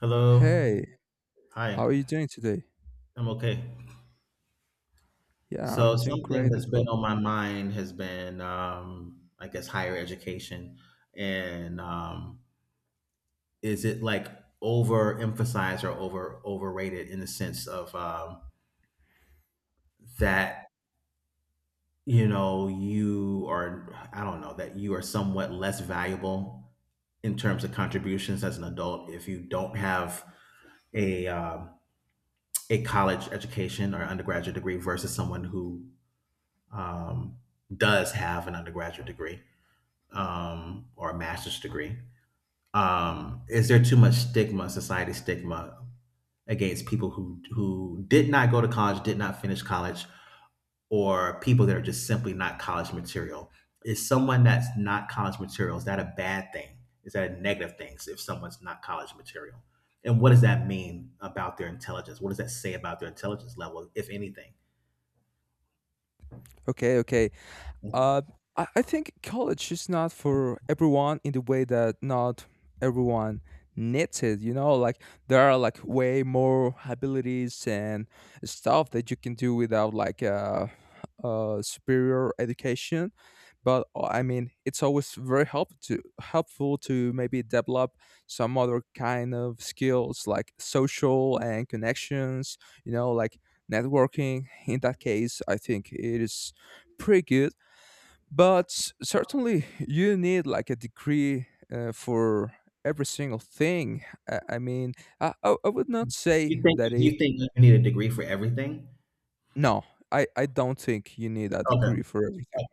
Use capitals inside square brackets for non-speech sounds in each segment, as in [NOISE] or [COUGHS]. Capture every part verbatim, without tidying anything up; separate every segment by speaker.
Speaker 1: Hello.
Speaker 2: Hey,
Speaker 1: Hi.
Speaker 2: how are you doing today?
Speaker 1: I'm okay.
Speaker 2: Yeah, I'm
Speaker 1: So
Speaker 2: doing
Speaker 1: something
Speaker 2: great as
Speaker 1: that's been
Speaker 2: well.
Speaker 1: on my mind has been, um, I guess, higher education, and um, is it like overemphasized or over overrated in the sense of um, that you know you are I don't know that you are somewhat less valuable in terms of contributions as an adult if you don't have a um, a college education or undergraduate degree versus someone who um, does have an undergraduate degree, um, or a master's degree. Um, is there too much stigma, society stigma, against people who who did not go to college, did not finish college, or people that are just simply not college material? Is someone that's not college material, is that a bad thing? Is that a negative thing if someone's not college material? And what does that mean about their intelligence? What does that say about their intelligence level, if anything?
Speaker 2: Okay, okay. Uh, I, I think college is not for everyone in the way that not everyone needs it. You know, like there are like way more abilities and stuff that you can do without like uh, uh superior education. But uh, I mean, it's always very help to helpful to maybe develop some other kind of skills like social and connections. You know, like networking. In that case, I think it is pretty good but s- certainly you need like a degree uh, for every single thing i, I mean I, I I would not say
Speaker 1: You think
Speaker 2: that it
Speaker 1: you think you need a degree for everything?
Speaker 2: no, I, I don't think you need a degree
Speaker 1: Okay.
Speaker 2: for everything.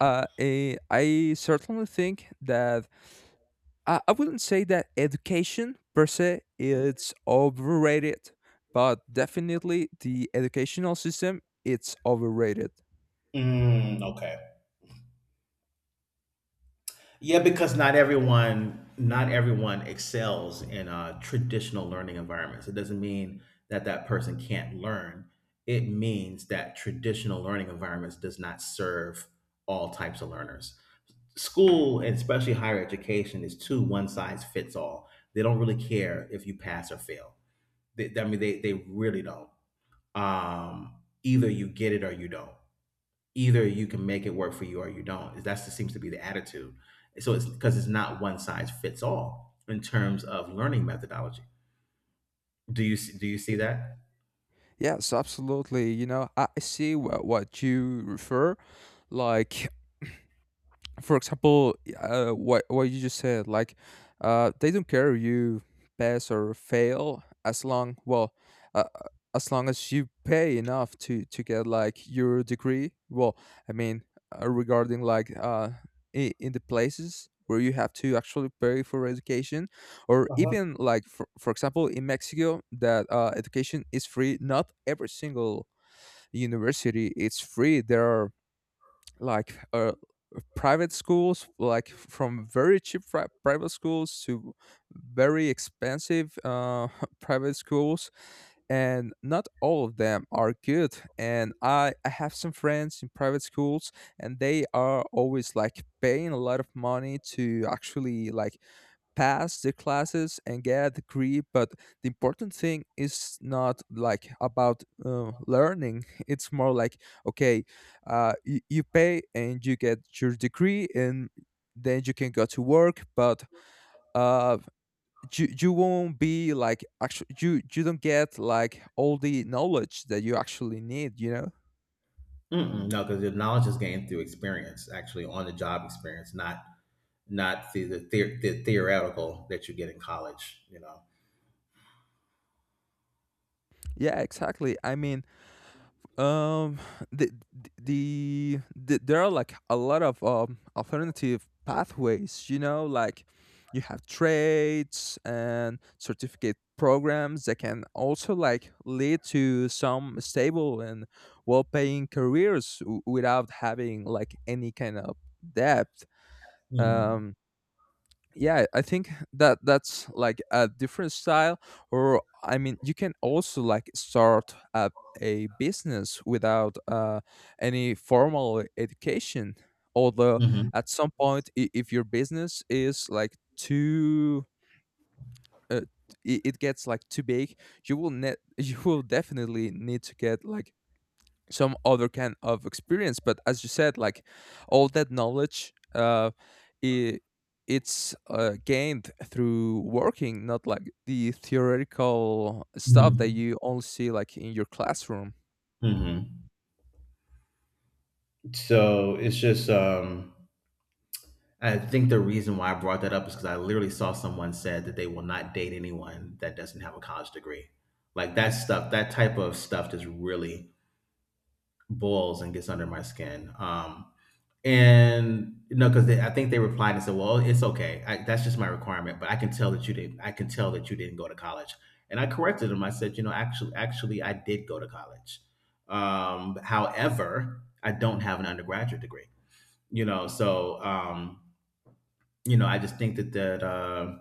Speaker 2: uh, eh, I certainly think that I, I wouldn't say that education per se it's overrated, but definitely the educational system it's overrated.
Speaker 1: Mm, okay. Yeah, because not everyone, not everyone excels in uh, traditional learning environments. It doesn't mean that that person can't learn. It means that traditional learning environments does not serve all types of learners. School, and especially higher education, is too one size fits all. They don't really care if you pass or fail. They, I mean, they they really don't. Um, Either you get it or you don't. Either you can make it work for you or you don't. That seems to be the attitude. So it's because it's not one size fits all in terms of learning methodology. Do you see- do you see that?
Speaker 2: Yes, absolutely. You know, I I see what, what you refer. Like [LAUGHS] for example, uh, what what you just said, like uh, they don't care if you pass or fail as long, well, uh, as long as you pay enough to to get like your degree. Well, I mean uh, regarding like uh, i- in the places where you have to actually pay for education or
Speaker 1: Uh-huh.
Speaker 2: even like for, for example in Mexico that uh, education is free, not every single university is free. There are like uh, private schools, like from very cheap pri- private schools to very expensive uh, [LAUGHS] private schools, and not all of them are good, and I, I have some friends in private schools and they are always like paying a lot of money to actually like pass the classes and get a degree, but the important thing is not like about uh, learning. [LAUGHS] It's more like, okay, uh, you, you pay and you get your degree and then you can go to work, but uh you, you won't be like actually you you don't get like all the knowledge that you actually need, you know.
Speaker 1: Mm-mm, no, because your knowledge is gained through experience, actually on the job experience, not not through the, the, the theoretical that you get in college. You know.
Speaker 2: Yeah, exactly, I mean, Um, the, the the there are like a lot of um alternative pathways. You know, like you have trades and certificate programs that can also like lead to some stable and well-paying careers w- without having like any kind of debt.
Speaker 1: Mm-hmm.
Speaker 2: Um, yeah, I think that that's like a different style, or I mean you can also like start a, a business without uh, any formal education, although
Speaker 1: Mm-hmm.
Speaker 2: at some point i- if your business is like too uh, i- it gets like too big, you will net [LAUGHS] you will definitely need to get like some other kind of experience. But as you said, like all that knowledge uh I it's uh, gained through working, not like the theoretical stuff that
Speaker 1: Mm-hmm.
Speaker 2: you only see like in your classroom.
Speaker 1: Mm-hmm. So it's just, um, I think the reason why I brought that up is because I literally saw someone said that they will not date anyone that doesn't have a college degree. Like that stuff, that type of stuff just really boils and gets under my skin. Um, and you know, because I think they replied and said, "Well, it's okay. I, that's just my requirement." But I can tell that you didn't. I can tell that you didn't go to college. And I corrected them. I said, "You know, actually, actually, I did go to college. Um, however, I don't have an undergraduate degree. You know, so." Um, you know, I just think that that uh,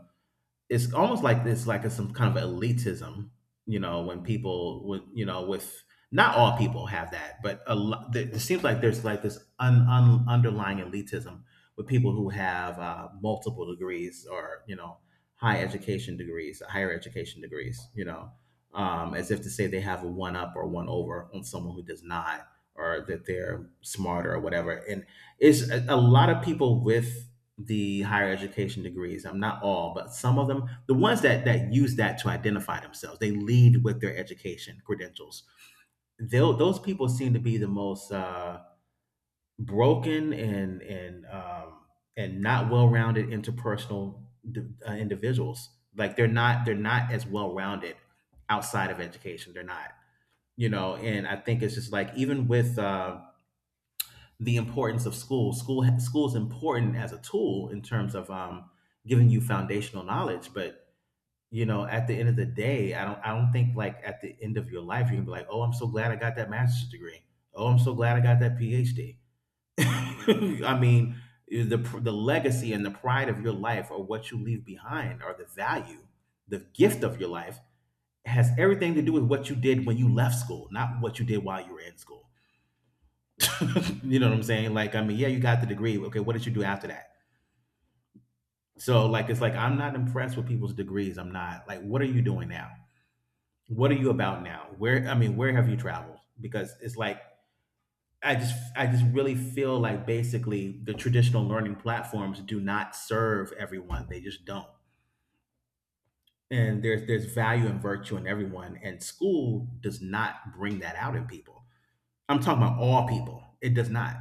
Speaker 1: it's almost like this, like a, some kind of elitism. You know, when people with you know with not all people have that, but a lot. It seems like there's like this un, un, underlying elitism with people who have uh, multiple degrees or you know high education degrees, higher education degrees. You know, um, as if to say they have a one up or one over on someone who does not, or that they're smarter or whatever. And is a, a lot of people with the higher education degrees. I'm not all, but some of them, the ones that that use that to identify themselves, they lead with their education credentials. They'll, those people seem to be the most uh, broken and and um, and not well-rounded interpersonal uh, individuals. Like they're not they're not as well-rounded outside of education. They're not, you know. And I think it's just like even with um, the importance of school. School school is important as a tool in terms of um, giving you foundational knowledge, but you know, at the end of the day, I don't I don't think like at the end of your life you can be like, oh, I'm so glad I got that master's degree. Oh, I'm so glad I got that PhD. [LAUGHS] I mean, eh, the the legacy and the pride of your life, or what you leave behind, or the value, the gift of your life, has everything to do with what you did when you left school, not what you did while you were in school. [LAUGHS] You know what I'm saying? Like, I mean, yeah, you got the degree. Okay, what did you do after that? So, like, it's like I'm not impressed with people's degrees. I'm not like, what are you doing now? What are you about now? Where, I mean, where have you traveled? Because it's like I just, I just really feel like basically the traditional learning platforms do not serve everyone. They just don't. And there's there's value and virtue in everyone, and school does not bring that out in people. I'm talking about all people. It does not.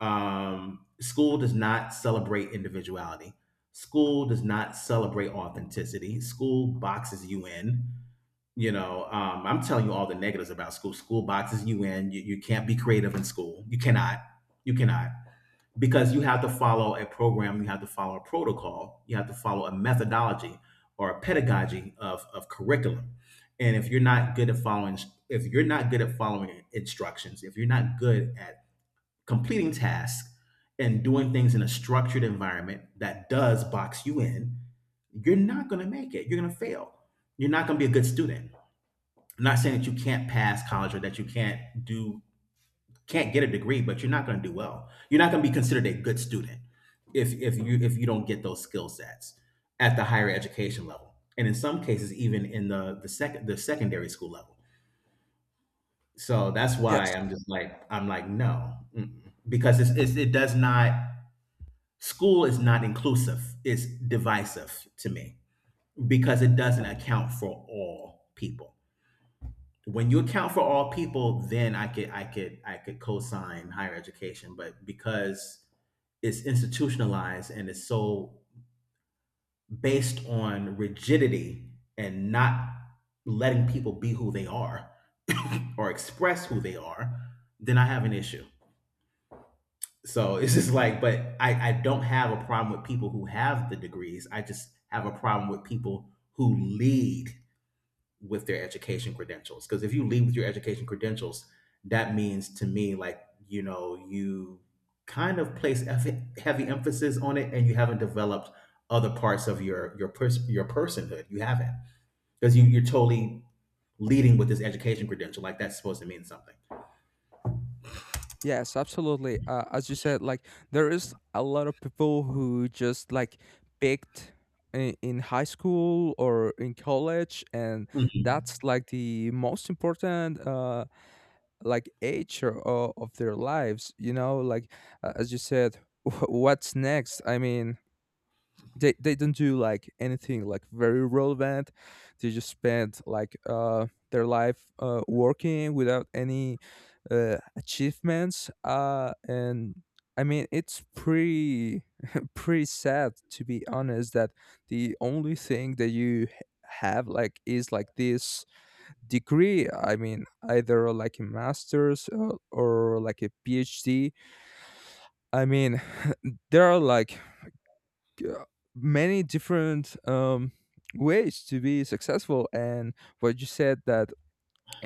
Speaker 1: Um, school does not celebrate individuality. School does not celebrate authenticity. School boxes you in. You know, um, I'm telling you all the negatives about school. School boxes you in. You, you can't be creative in school. You cannot. You cannot because you have to follow a program, you have to follow a protocol, you have to follow a methodology or a pedagogy of, of curriculum. And if you're not good at following, if you're not good at following instructions, if you're not good at completing tasks and doing things in a structured environment that does box you in, you're not going to make it. You're going to fail. You're not going to be a good student. I'm not saying that you can't pass college or that you can't do can't get a degree, but you're not going to do well. You're not going to be considered a good student if if you if you don't get those skill sets at the higher education level, and in some cases even in the the second the secondary school level. So that's why
Speaker 2: Yes.
Speaker 1: I'm just like I'm like no, mm-mm. Because it's, it's it does not. School is not inclusive, it's divisive to me because it doesn't account for all people. When you account for all people, then I could I could I could co-sign higher education, but because it's institutionalized and it's so based on rigidity and not letting people be who they are [COUGHS] [LAUGHS] or express who they are, then I have an issue. So [LAUGHS] it's just like, but I, I don't have a problem with people who have the degrees. I just have a problem with people who lead with their education credentials. Because if you lead with your education credentials, that means to me, like, you know, you kind of place eff- heavy emphasis on it and you haven't developed other parts of your your pers- your personhood. You haven't because you, you're totally leading with this education credential. Like that's supposed to mean something.
Speaker 2: Yes, absolutely. Uh, as you said, like there is a lot of people who just like picked i- in high school or in college, and
Speaker 1: Mhm.
Speaker 2: that's like the most important uh like age, or, or of their lives, you know, like uh, as you said [LAUGHS] what's next, I mean they, they don't do like anything like very relevant. They just spend like uh their life uh, working without any uh, achievements, uh and I mean it's pretty [LAUGHS] pretty sad, to be honest, that the only thing that you h- have like is like this degree. I mean, either like a master's uh, or like a PhD. I mean [LAUGHS] there are like uh, many different um ways to be successful. And what you said, that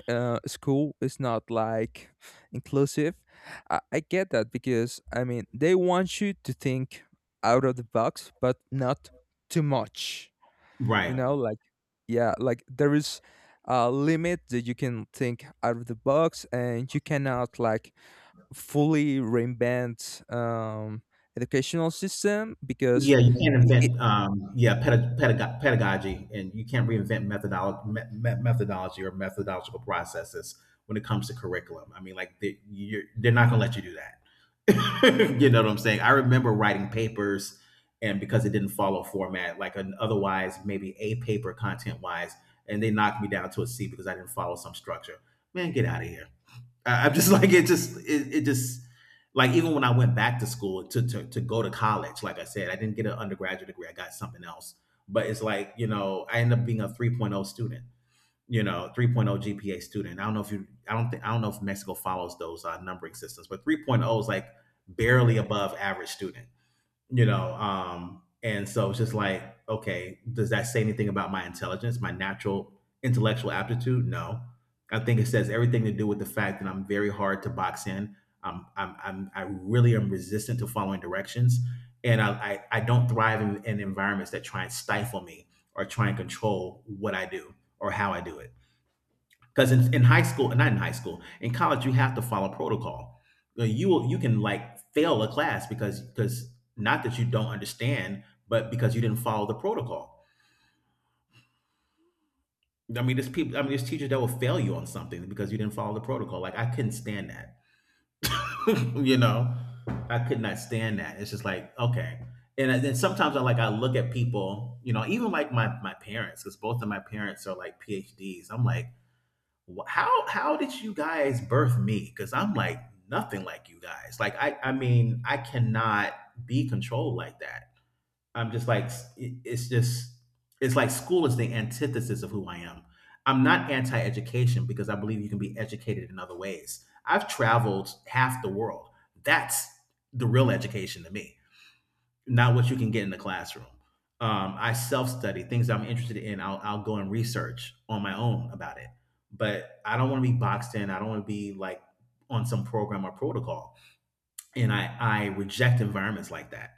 Speaker 2: uh, school is not like inclusive, I, I get that because I mean they want you to think out of the box but not too much, you
Speaker 1: Right.
Speaker 2: know, like yeah, like there is a limit that you can think out of the box and you cannot like fully reinvent um educational system because
Speaker 1: Yeah, you can't
Speaker 2: i-
Speaker 1: invent, um, yeah, pedag pedag pedagogy, and you can't reinvent methodolo me me methodology or methodological processes when it comes to curriculum. I mean, like they, you're, they're not gonna let you do that. [LAUGHS] You know what I'm saying? I remember writing papers, and because it didn't follow format, like an otherwise maybe A paper content wise, and they knocked me down to a C because I didn't follow some structure. Man, get out of here. I- I'm just [LAUGHS] like it. Just it, it just like even when I went back to school to, to to go to college, like I said, I didn't get an undergraduate degree. I got something else. But it's like you know, I ended up being a 3.0 student. You know, 3.0 G P A student. I don't know if you. I don't think. I don't know if Mexico follows those uh, numbering systems, but 3.0 is like barely above average student, you know. Um, and so it's just like, okay, does that say anything about my intelligence, my natural intellectual aptitude? No, I think it says everything to do with the fact that I'm very hard to box in. i'm i'm, I'm I really am resistant to following directions and i i, I don't thrive in, in environments that try and stifle me or try and control what I do or how I do it because in, in high school, not in high school, in college, you have to follow protocol. Uh, You will, you can like fail a class because because not that you don't understand, but because you didn't follow the protocol. I mean, there's people. I mean, there's teachers that will fail you on something because you didn't follow the protocol. Like I couldn't stand that. [CLEARS THROAT] You know, I could not stand that. It's just like okay. And then sometimes I like I look at people, you know, even like my my parents, because both of my parents are like PhDs. I'm like, wh- how how did you guys birth me, because I'm like nothing like you guys. Like, i i mean, I cannot be controlled like that. I'm just like, it- it's just, it's like school is the antithesis of who I am. I'm not anti-education, because I believe you can be educated in other ways. I've traveled half the world. That's the real education to me, not what you can get in the classroom. Um, I self study things I'm interested in. I'll, I'll go and research on my own about it. But I don't want to be boxed in. I don't want to be like on some program or protocol. And I, I reject environments like that.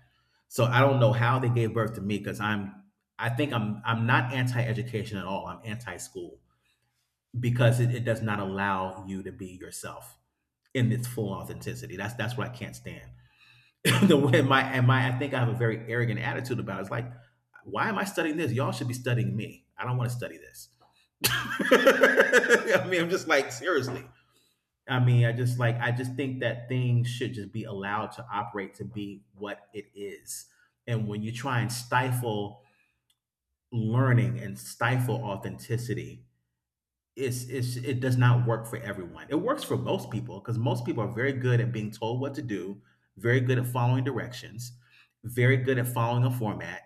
Speaker 1: So I don't know how they gave birth to me, because I'm, I think I'm, I'm not anti education at all. I'm anti school because it, it does not allow you to be yourself in its full authenticity. That's, that's what I can't stand. [LAUGHS] the way my and my I think I have a very arrogant attitude about it. It's like, why am I studying this? Y'all should be studying me. I don't want to study this. [LAUGHS] I mean, I'm just like, seriously. I mean, I just like I just think that things should just be allowed to operate to be what it is. And when you try and stifle learning and stifle authenticity, it's, it's it does not work for everyone. It works for most people because most people are very good at being told what to do, very good at following directions, very good at following a format,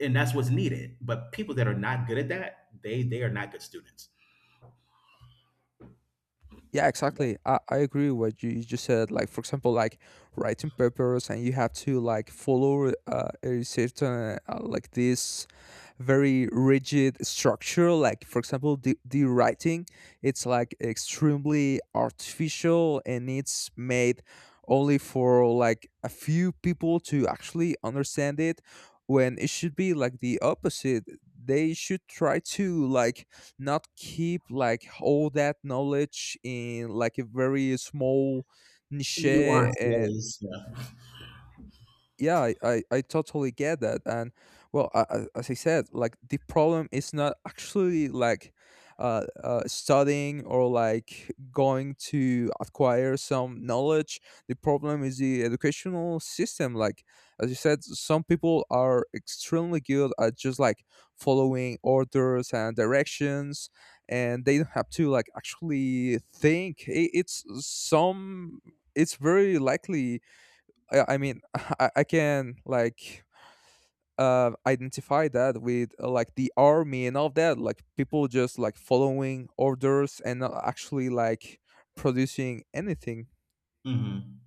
Speaker 1: and that's what's needed. But people that are not good at that, they they are not good students.
Speaker 2: yeah, exactly. I, I agree with what you, you just said. Like, for example, like writing papers, and you have to like follow uh, a certain uh, like this very rigid structure. Like, for example, the the writing, it's like extremely artificial, and it's made only for like a few people to actually understand it. When it should be like the opposite. They should try to like not keep like all that knowledge in like a very small niche
Speaker 1: Nuanced
Speaker 2: and
Speaker 1: ways, yeah.
Speaker 2: yeah, I, I i totally get that. And well, I, I- as I said, like the problem is not actually like uh, uh studying or like going to acquire some knowledge. The problem is the educational system, like as you said, some people are extremely good at just like following orders and directions, and they don't have to like actually think. It, it's some, it's very likely, I I mean, [LAUGHS] I, I can like uh, identify that with uh, like the army and all that, like people just like following orders and not actually like producing anything.
Speaker 1: Hmm.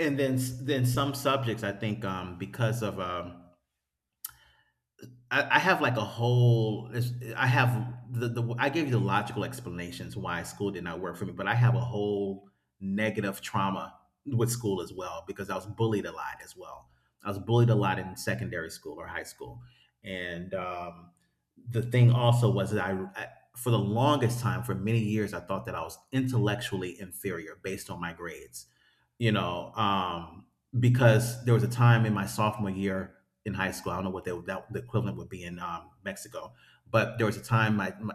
Speaker 1: And then then some subjects, I think, um, because of um, I, I have like a whole. it's- I have the, the I gave you the logical explanations why school did not work for me, but I have a whole negative trauma with school as well, because I was bullied a lot as well. I was bullied a lot in secondary school or high school, and um, the thing also was that I, I for the longest time, for many years, I thought that I was intellectually inferior based on my grades, you know, um, because there was a time in my sophomore year in high school. I don't know what they, that, the equivalent would be in um, Mexico, but there was a time my, my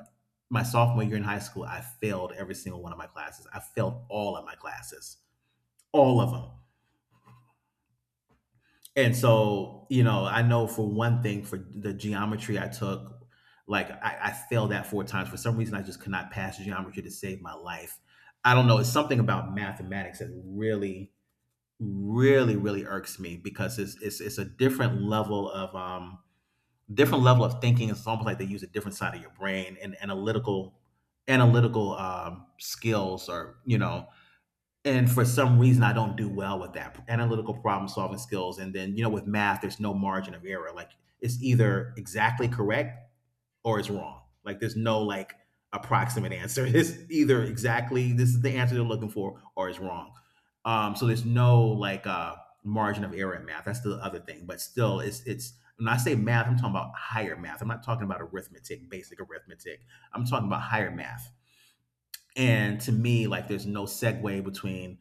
Speaker 1: my sophomore year in high school, I failed every single one of my classes. I failed all of my classes, all of them. And so, you know, I know for one thing, for the geometry I took, like I, I failed that four times. For some reason, I just could not pass geometry to save my life. I don't know. It's something about mathematics that really, really, really irks me, because it's it's, it's a different level of um, different level of thinking. It's almost like they use a different side of your brain, and analytical analytical um, skills, or you know, and for some reason I don't do well with that analytical problem solving skills. And then you know with math there's no margin of error, like it's either exactly correct or it's wrong. Like, there's no like approximate answer. [LAUGHS] It's either exactly this is the answer they're looking for, or it's wrong. Um, so there's no like uh, margin of error in math. That's the other thing. But still, it's it's when I say math, I'm talking about higher math. I'm not talking about arithmetic, basic arithmetic. I'm talking about higher math, and to me, like, there's no segue between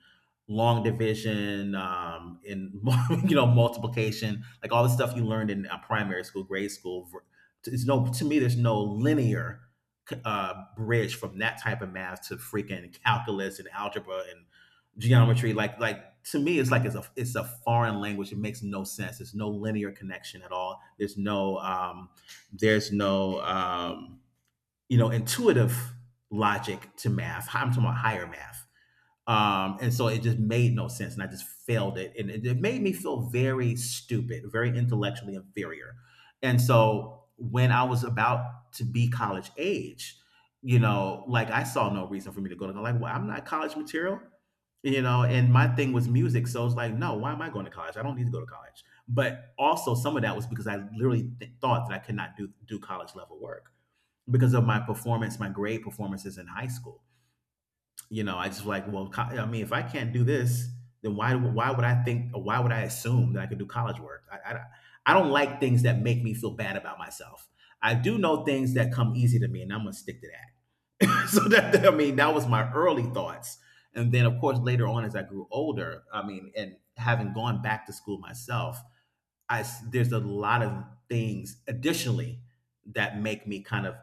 Speaker 1: long division um, and [LAUGHS] you know multiplication, like all the stuff you learned in uh, primary school, grade school. ver- It's no, to me, there's no linear uh, bridge from that type of math to freaking calculus and algebra and geometry. Like, like to me, it's like it's a it's a foreign language. It makes no sense. There's no linear connection at all. There's no um, there's no um, you know, intuitive logic to math. I'm talking about higher math. Um, and so it just made no sense, and I just failed it, and it, it made me feel very stupid, very intellectually inferior. And so when I was about to be college age, you know, like I saw no reason for me to go to, like, well, I'm not college material, you know. And my thing was music, so it's like, no, why am I going to college? I don't need to go to college. But also, some of that was because I literally th- thought that I could not do do college level work, because of my performance, my grade performances in high school. You know, I just like, well, co- I mean, if I can't do this, then why why would I think? Or why would I assume that I could do college work? I, I I don't like things that make me feel bad about myself. I do know things that come easy to me, and I'm gonna stick to that. [LAUGHS] so that I mean, that was my early thoughts, and then of course later on as I grew older, I mean, and having gone back to school myself, I s- there's a lot of things additionally that make me kind of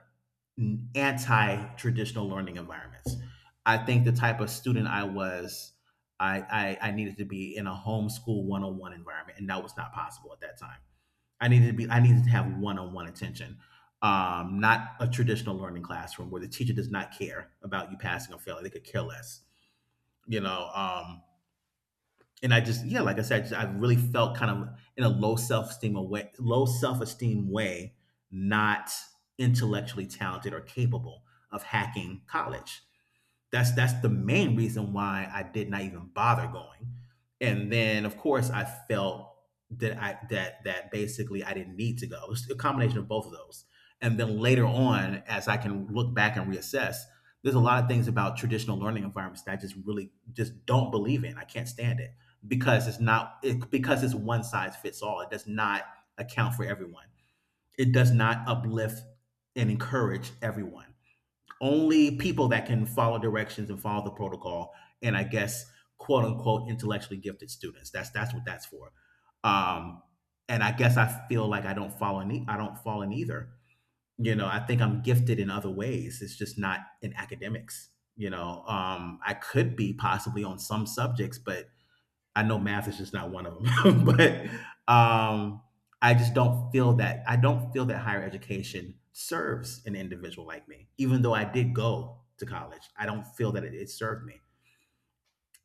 Speaker 1: anti-traditional learning environments. I think the type of student I was, I, I I needed to be in a homeschool one-on-one environment, and that was not possible at that time. I needed to be I needed to have one-on-one attention, um, not a traditional learning classroom where the teacher does not care about you passing or failing; they could care less. You know, um, and I just, yeah, like I said, I, just, I really felt kind of in a low self esteem way, low self esteem way, not intellectually talented or capable of hacking college. That's that's the main reason why I did not even bother going. And then of course I felt that I that that basically I didn't need to go. It's a combination of both of those. And then later on, as I can look back and reassess, there's a lot of things about traditional learning environments that I just really just don't believe in. I can't stand it, because it's not it, because it's one size fits all. It does not account for everyone. It does not uplift and encourage everyone, only people that can follow directions and follow the protocol, and, I guess, quote unquote intellectually gifted students. That's that's what that's for. um and I guess I feel like I don't fall in e- I don't fall in either. you know I think I'm gifted in other ways, it's just not in academics. you know um I could be possibly on some subjects, but I know math is just not one of them, [LAUGHS] but um, I just don't feel that I don't feel that higher education serves an individual like me. Even though I did go to college, I don't feel that it, it served me.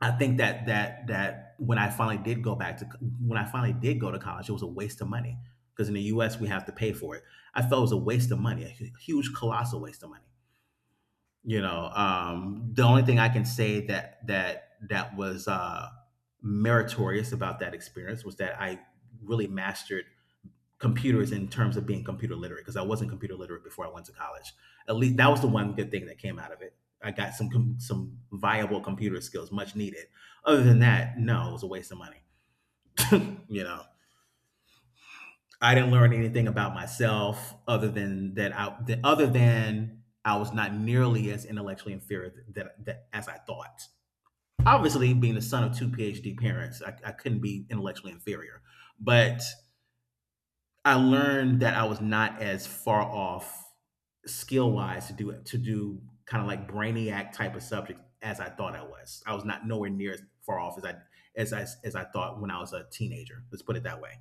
Speaker 1: I think that that that when I finally did go back to when I finally did go to college, it was a waste of money, because in the U S we have to pay for it. I felt it was a waste of money, a huge, colossal waste of money you know um the only thing I can say that that that was uh meritorious about that experience was that I really mastered computers in terms of being computer literate, because I wasn't computer literate before I went to college. At least that was the one good thing that came out of it. I got some com- some viable computer skills, much needed. Other than that, no, it was a waste of money you know I didn't learn anything about myself other than that, I that other than I was not nearly as intellectually inferior th- that, that as I thought. Obviously being the son of two P H D parents, I, I couldn't be intellectually inferior. But I learned that I was not as far off skill wise to do to do kind of like brainiac type of subjects as I thought. I was i was not nowhere near as far off as i as i as i thought when I was a teenager, let's put it that way.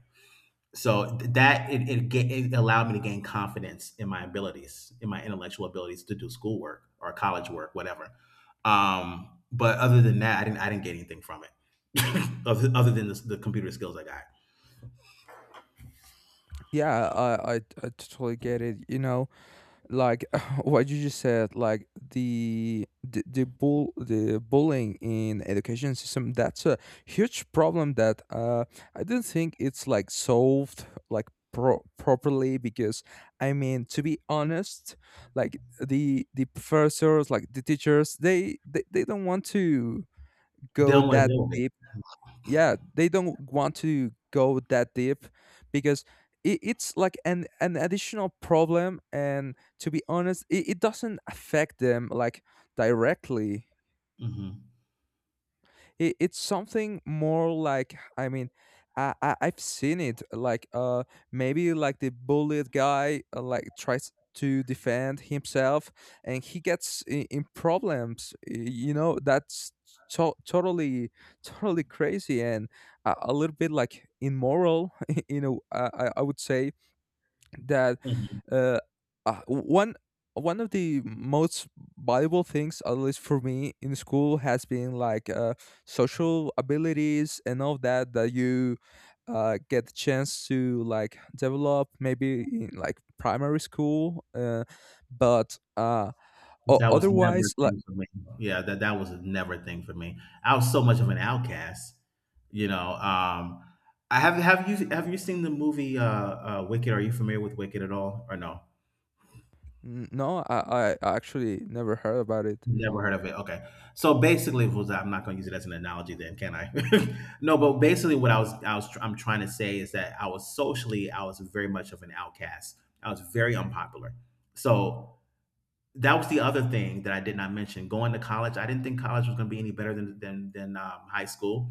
Speaker 1: So th- that it, it ga- it allowed me to gain confidence in my abilities, in my intellectual abilities, to do schoolwork or college work whatever. Um but other than that, i didn't i didn't get anything from it. [COUGHS] [LAUGHS] other, other than the, the computer skills I got.
Speaker 2: Yeah, I I, I totally get it. You know, like [LAUGHS] what you just said, like the the, the bull the bullying in education system, that's a huge problem that uh I don't think it's like solved like pro- properly because I mean, to be honest, like the the professors, like the teachers, they they, they don't want to
Speaker 1: They
Speaker 2: go
Speaker 1: don't want to
Speaker 2: that
Speaker 1: deal with it.
Speaker 2: deep. Yeah, they don't want to go that deep because it, it's like an an additional problem, and to be honest it, it doesn't affect them like directly.
Speaker 1: Hmm.
Speaker 2: It, it's something more like, I mean, I, I i've seen it like uh maybe like the bullied guy uh, like tries to defend himself and he gets in, in problems, y- you know, that's to- totally totally crazy and a, a little bit like immoral. [LAUGHS] You know, I, I I would say that
Speaker 1: Hmm.
Speaker 2: uh, uh, one one of the most valuable things at least for me in school has been like uh, social abilities and all that, that you uh, get the chance to like develop maybe in like primary school, uh, but uh, o-
Speaker 1: That was never
Speaker 2: otherwise
Speaker 1: a
Speaker 2: like
Speaker 1: thing for me. Yeah, that that was never a thing for me. I was so much of an outcast you know um I have have you Have you seen the movie uh uh wicked are you familiar with Wicked at all, or no?
Speaker 2: n- no, I, I I actually never heard about it.
Speaker 1: Never heard of it. Okay. So basically, it was I'm not going to use it as an analogy then, can I? [LAUGHS] No, but basically what I was I was I'm trying to say is that I was socially I was very much of an outcast. I was very unpopular. So that was the other thing that I did not mention. Going to college, I didn't think college was going to be any better than than than um, high school.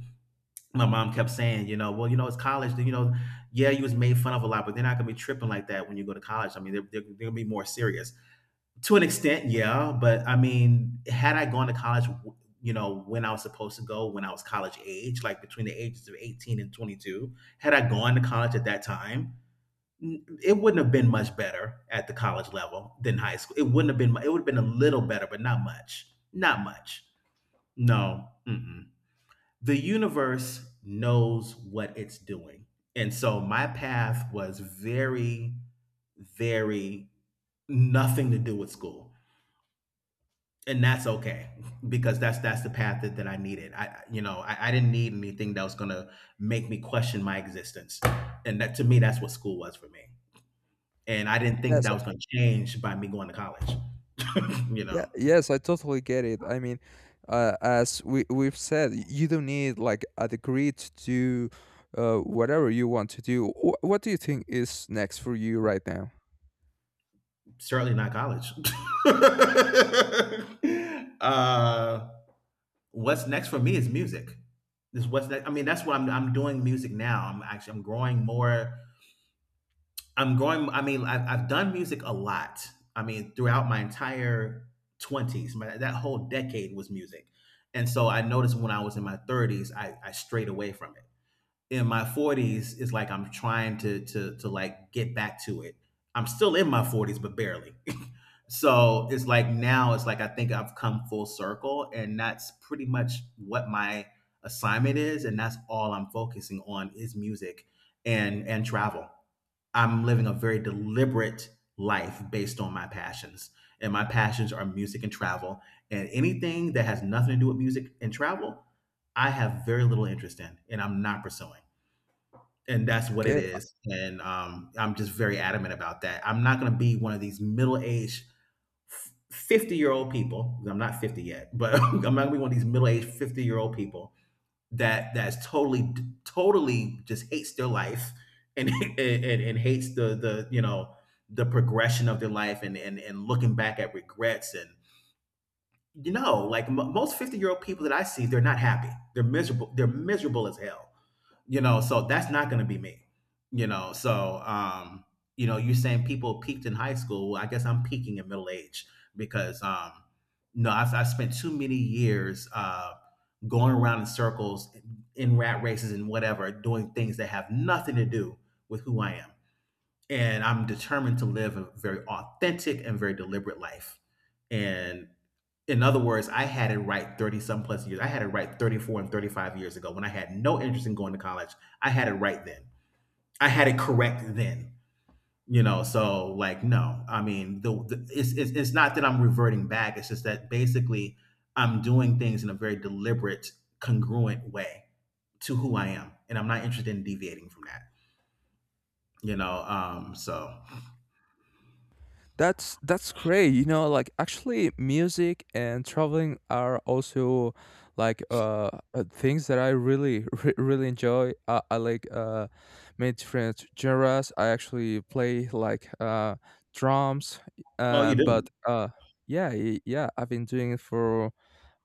Speaker 1: My mom kept saying, you know, well, you know, it's college. You know, yeah, you was made fun of a lot, but they're not going to be tripping like that when you go to college. I mean, they're, they're, they're going to be more serious. To an extent, yeah, but I mean, had I gone to college, w- you know, when I was supposed to go, when I was college age, like between the ages of eighteen and twenty-two, had I gone to college at that time, n- it wouldn't have been much better at the college level than high school. It wouldn't have been, mu- it would have been a little better, but not much. Not much. No. Mm-mm. The universe knows what it's doing. And so my path was very, very, nothing to do with school. And that's okay, because that's that's the path that, that I needed. I you know I, I didn't need anything that was gonna make me question my existence. And that to me, that's what school was for me. And I didn't think that
Speaker 2: Yes.
Speaker 1: that was gonna change by me going to college. [CLEARS THROAT] [LAUGHS] you
Speaker 2: Yeah,
Speaker 1: know
Speaker 2: yes, I totally get it. I mean, uh, as we we've said, y- you don't need like a degree to do uh, whatever you want to do. Wh- what do you think is next for you right now?
Speaker 1: Certainly not college. [LAUGHS] uh what's next for me is music, is what's next. I mean, that's what i'm, I'm doing. Music now, i'm actually I'm growing more. I'm going. I mean, I've, I've done music a lot. I mean, throughout my entire twenties, my, that whole decade was music. And so I noticed when I was in my thirties, I, I strayed away from it. In my forties, it's like I'm trying to to to like get back to it. I'm still in my forties, but barely. [LAUGHS] So it's like now, it's like I think I've come full circle, and that's pretty much what my assignment is, and that's all I'm focusing on is music and and travel. I'm living a very deliberate life based on my passions. And my passions are music and travel. And anything that has nothing to do with music and travel, I have very little interest in, and I'm not pursuing. And that's what it
Speaker 2: Okay.
Speaker 1: is. And um, I'm just very adamant about that. I'm not going to be one of these middle aged fifty year old people. I'm not fifty yet, but [LAUGHS] I'm not going to be one of these middle aged fifty year old people that that's totally totally just hates their life, and [LAUGHS] and, and, and hates the the you know the progression of their life, and and, and looking back at regrets and you know like m- most fifty year old people that I see. They're not happy, they're miserable, they're miserable as hell. You know so that's not going to be me. You know so, um you know you're saying people peaked in high school. Well, I guess I'm peaking in middle age, because um no, i i spent too many years uh going around in circles, in rat races and whatever, doing things that have nothing to do with who I am. And I'm determined to live a very authentic and very deliberate life. And in other words, I had it right thirty some plus years. I had it right thirty-four and thirty-five years ago, when I had no interest in going to college. I had it right then. I had it correct then. You know, so like no, I mean, the, the it's, it's it's not that I'm reverting back. It's just that basically I'm doing things in a very deliberate, congruent way to who I am, and I'm not interested in deviating from that. You know, um, so,
Speaker 2: That's that's great. You know, like actually, music and traveling are also like uh uh, things that I really [LAUGHS] re- really enjoy. I, I like uh many different genres. I actually play like uh drums,
Speaker 1: oh,
Speaker 2: uh
Speaker 1: you
Speaker 2: but
Speaker 1: do.
Speaker 2: uh yeah, y- yeah, I've been doing it for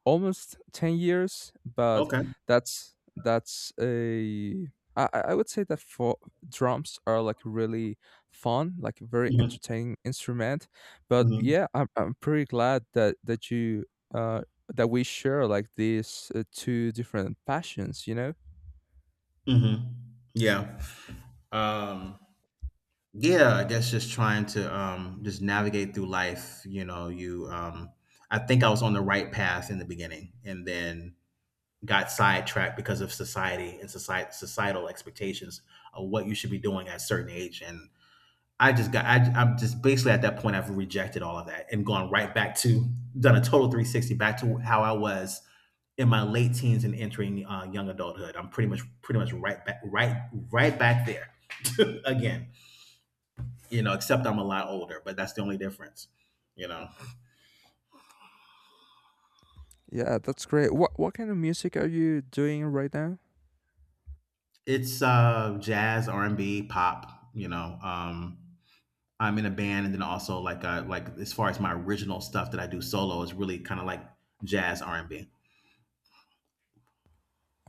Speaker 2: almost ten years, but
Speaker 1: Okay.
Speaker 2: that's that's a, I, I I would say that for drums are like really fun, like a very
Speaker 1: Hmm.
Speaker 2: entertaining instrument. But
Speaker 1: Hmm.
Speaker 2: yeah, I'm I'm pretty glad that that you uh that we share like these uh, two different passions, you know?
Speaker 1: Hmm. Yeah. Um, Yeah, I guess just trying to um just navigate through life. You know, you um I think I was on the right path in the beginning, and then got sidetracked because of society and society societal expectations of what you should be doing at a certain age. And I just got I I'm just basically at that point. I've rejected all of that and gone right back to done a total three sixty back to how I was in my late teens and entering uh, young adulthood. I'm pretty much pretty much right back, right right back there [LAUGHS] again, you know, except I'm a lot older, but that's the only difference. You know,
Speaker 2: Yeah, that's great. What what kind of music are you doing right now?
Speaker 1: it's uh, jazz, R and B, pop. You know, um, I'm in a band, and then also like uh, like as far as my original stuff that I do solo is really kind of like jazz R and B.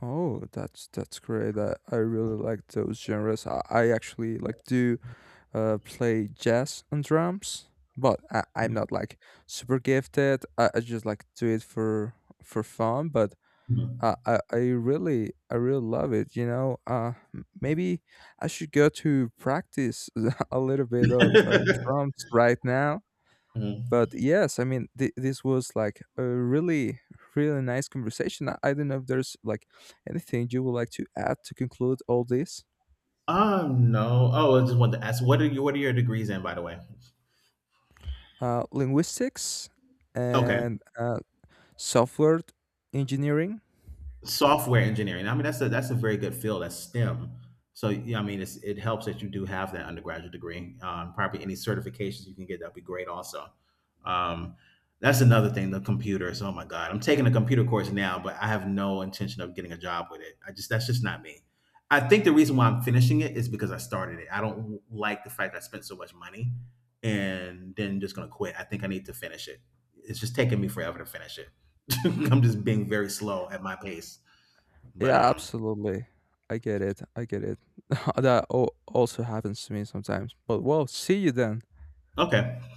Speaker 2: Oh, that's that's great. I, I really like those genres. I, I actually like do uh play jazz and drums, but I, I'm not like super gifted. I, I just like do it for for fun, but I I I really I really love it, you know. Uh m- maybe I should go to practice [LAUGHS] a little bit of uh,
Speaker 1: [LAUGHS]
Speaker 2: drums right now. But yes, I mean, th- this was like a really, really nice conversation. I, I don't know if there's like anything you would like to add to conclude all this.
Speaker 1: Um, no. Oh, I just wanted to ask, what are you? What are your degrees in, by the way?
Speaker 2: Uh, linguistics
Speaker 1: Okay.
Speaker 2: and uh, software engineering.
Speaker 1: Software engineering. I mean, that's a that's a very good field. That's STEM. So yeah, I mean, it's, it helps that you do have that undergraduate degree. Um, probably any certifications you can get, that'd be great. Also, um, that's another thing. The computers. Oh my God, I'm taking a computer course now, but I have no intention of getting a job with it. I just That's just not me. I think the reason why I'm finishing it is because I started it. I don't like the fact I spent so much money and then just gonna quit. I think I need to finish it. It's just taking me forever to finish it. [LAUGHS] I'm just being very slow at my pace. But
Speaker 2: Yeah,
Speaker 1: um,
Speaker 2: absolutely. I get it. I get it. [LAUGHS] That al- also happens to me sometimes. But well, see you then.
Speaker 1: okay.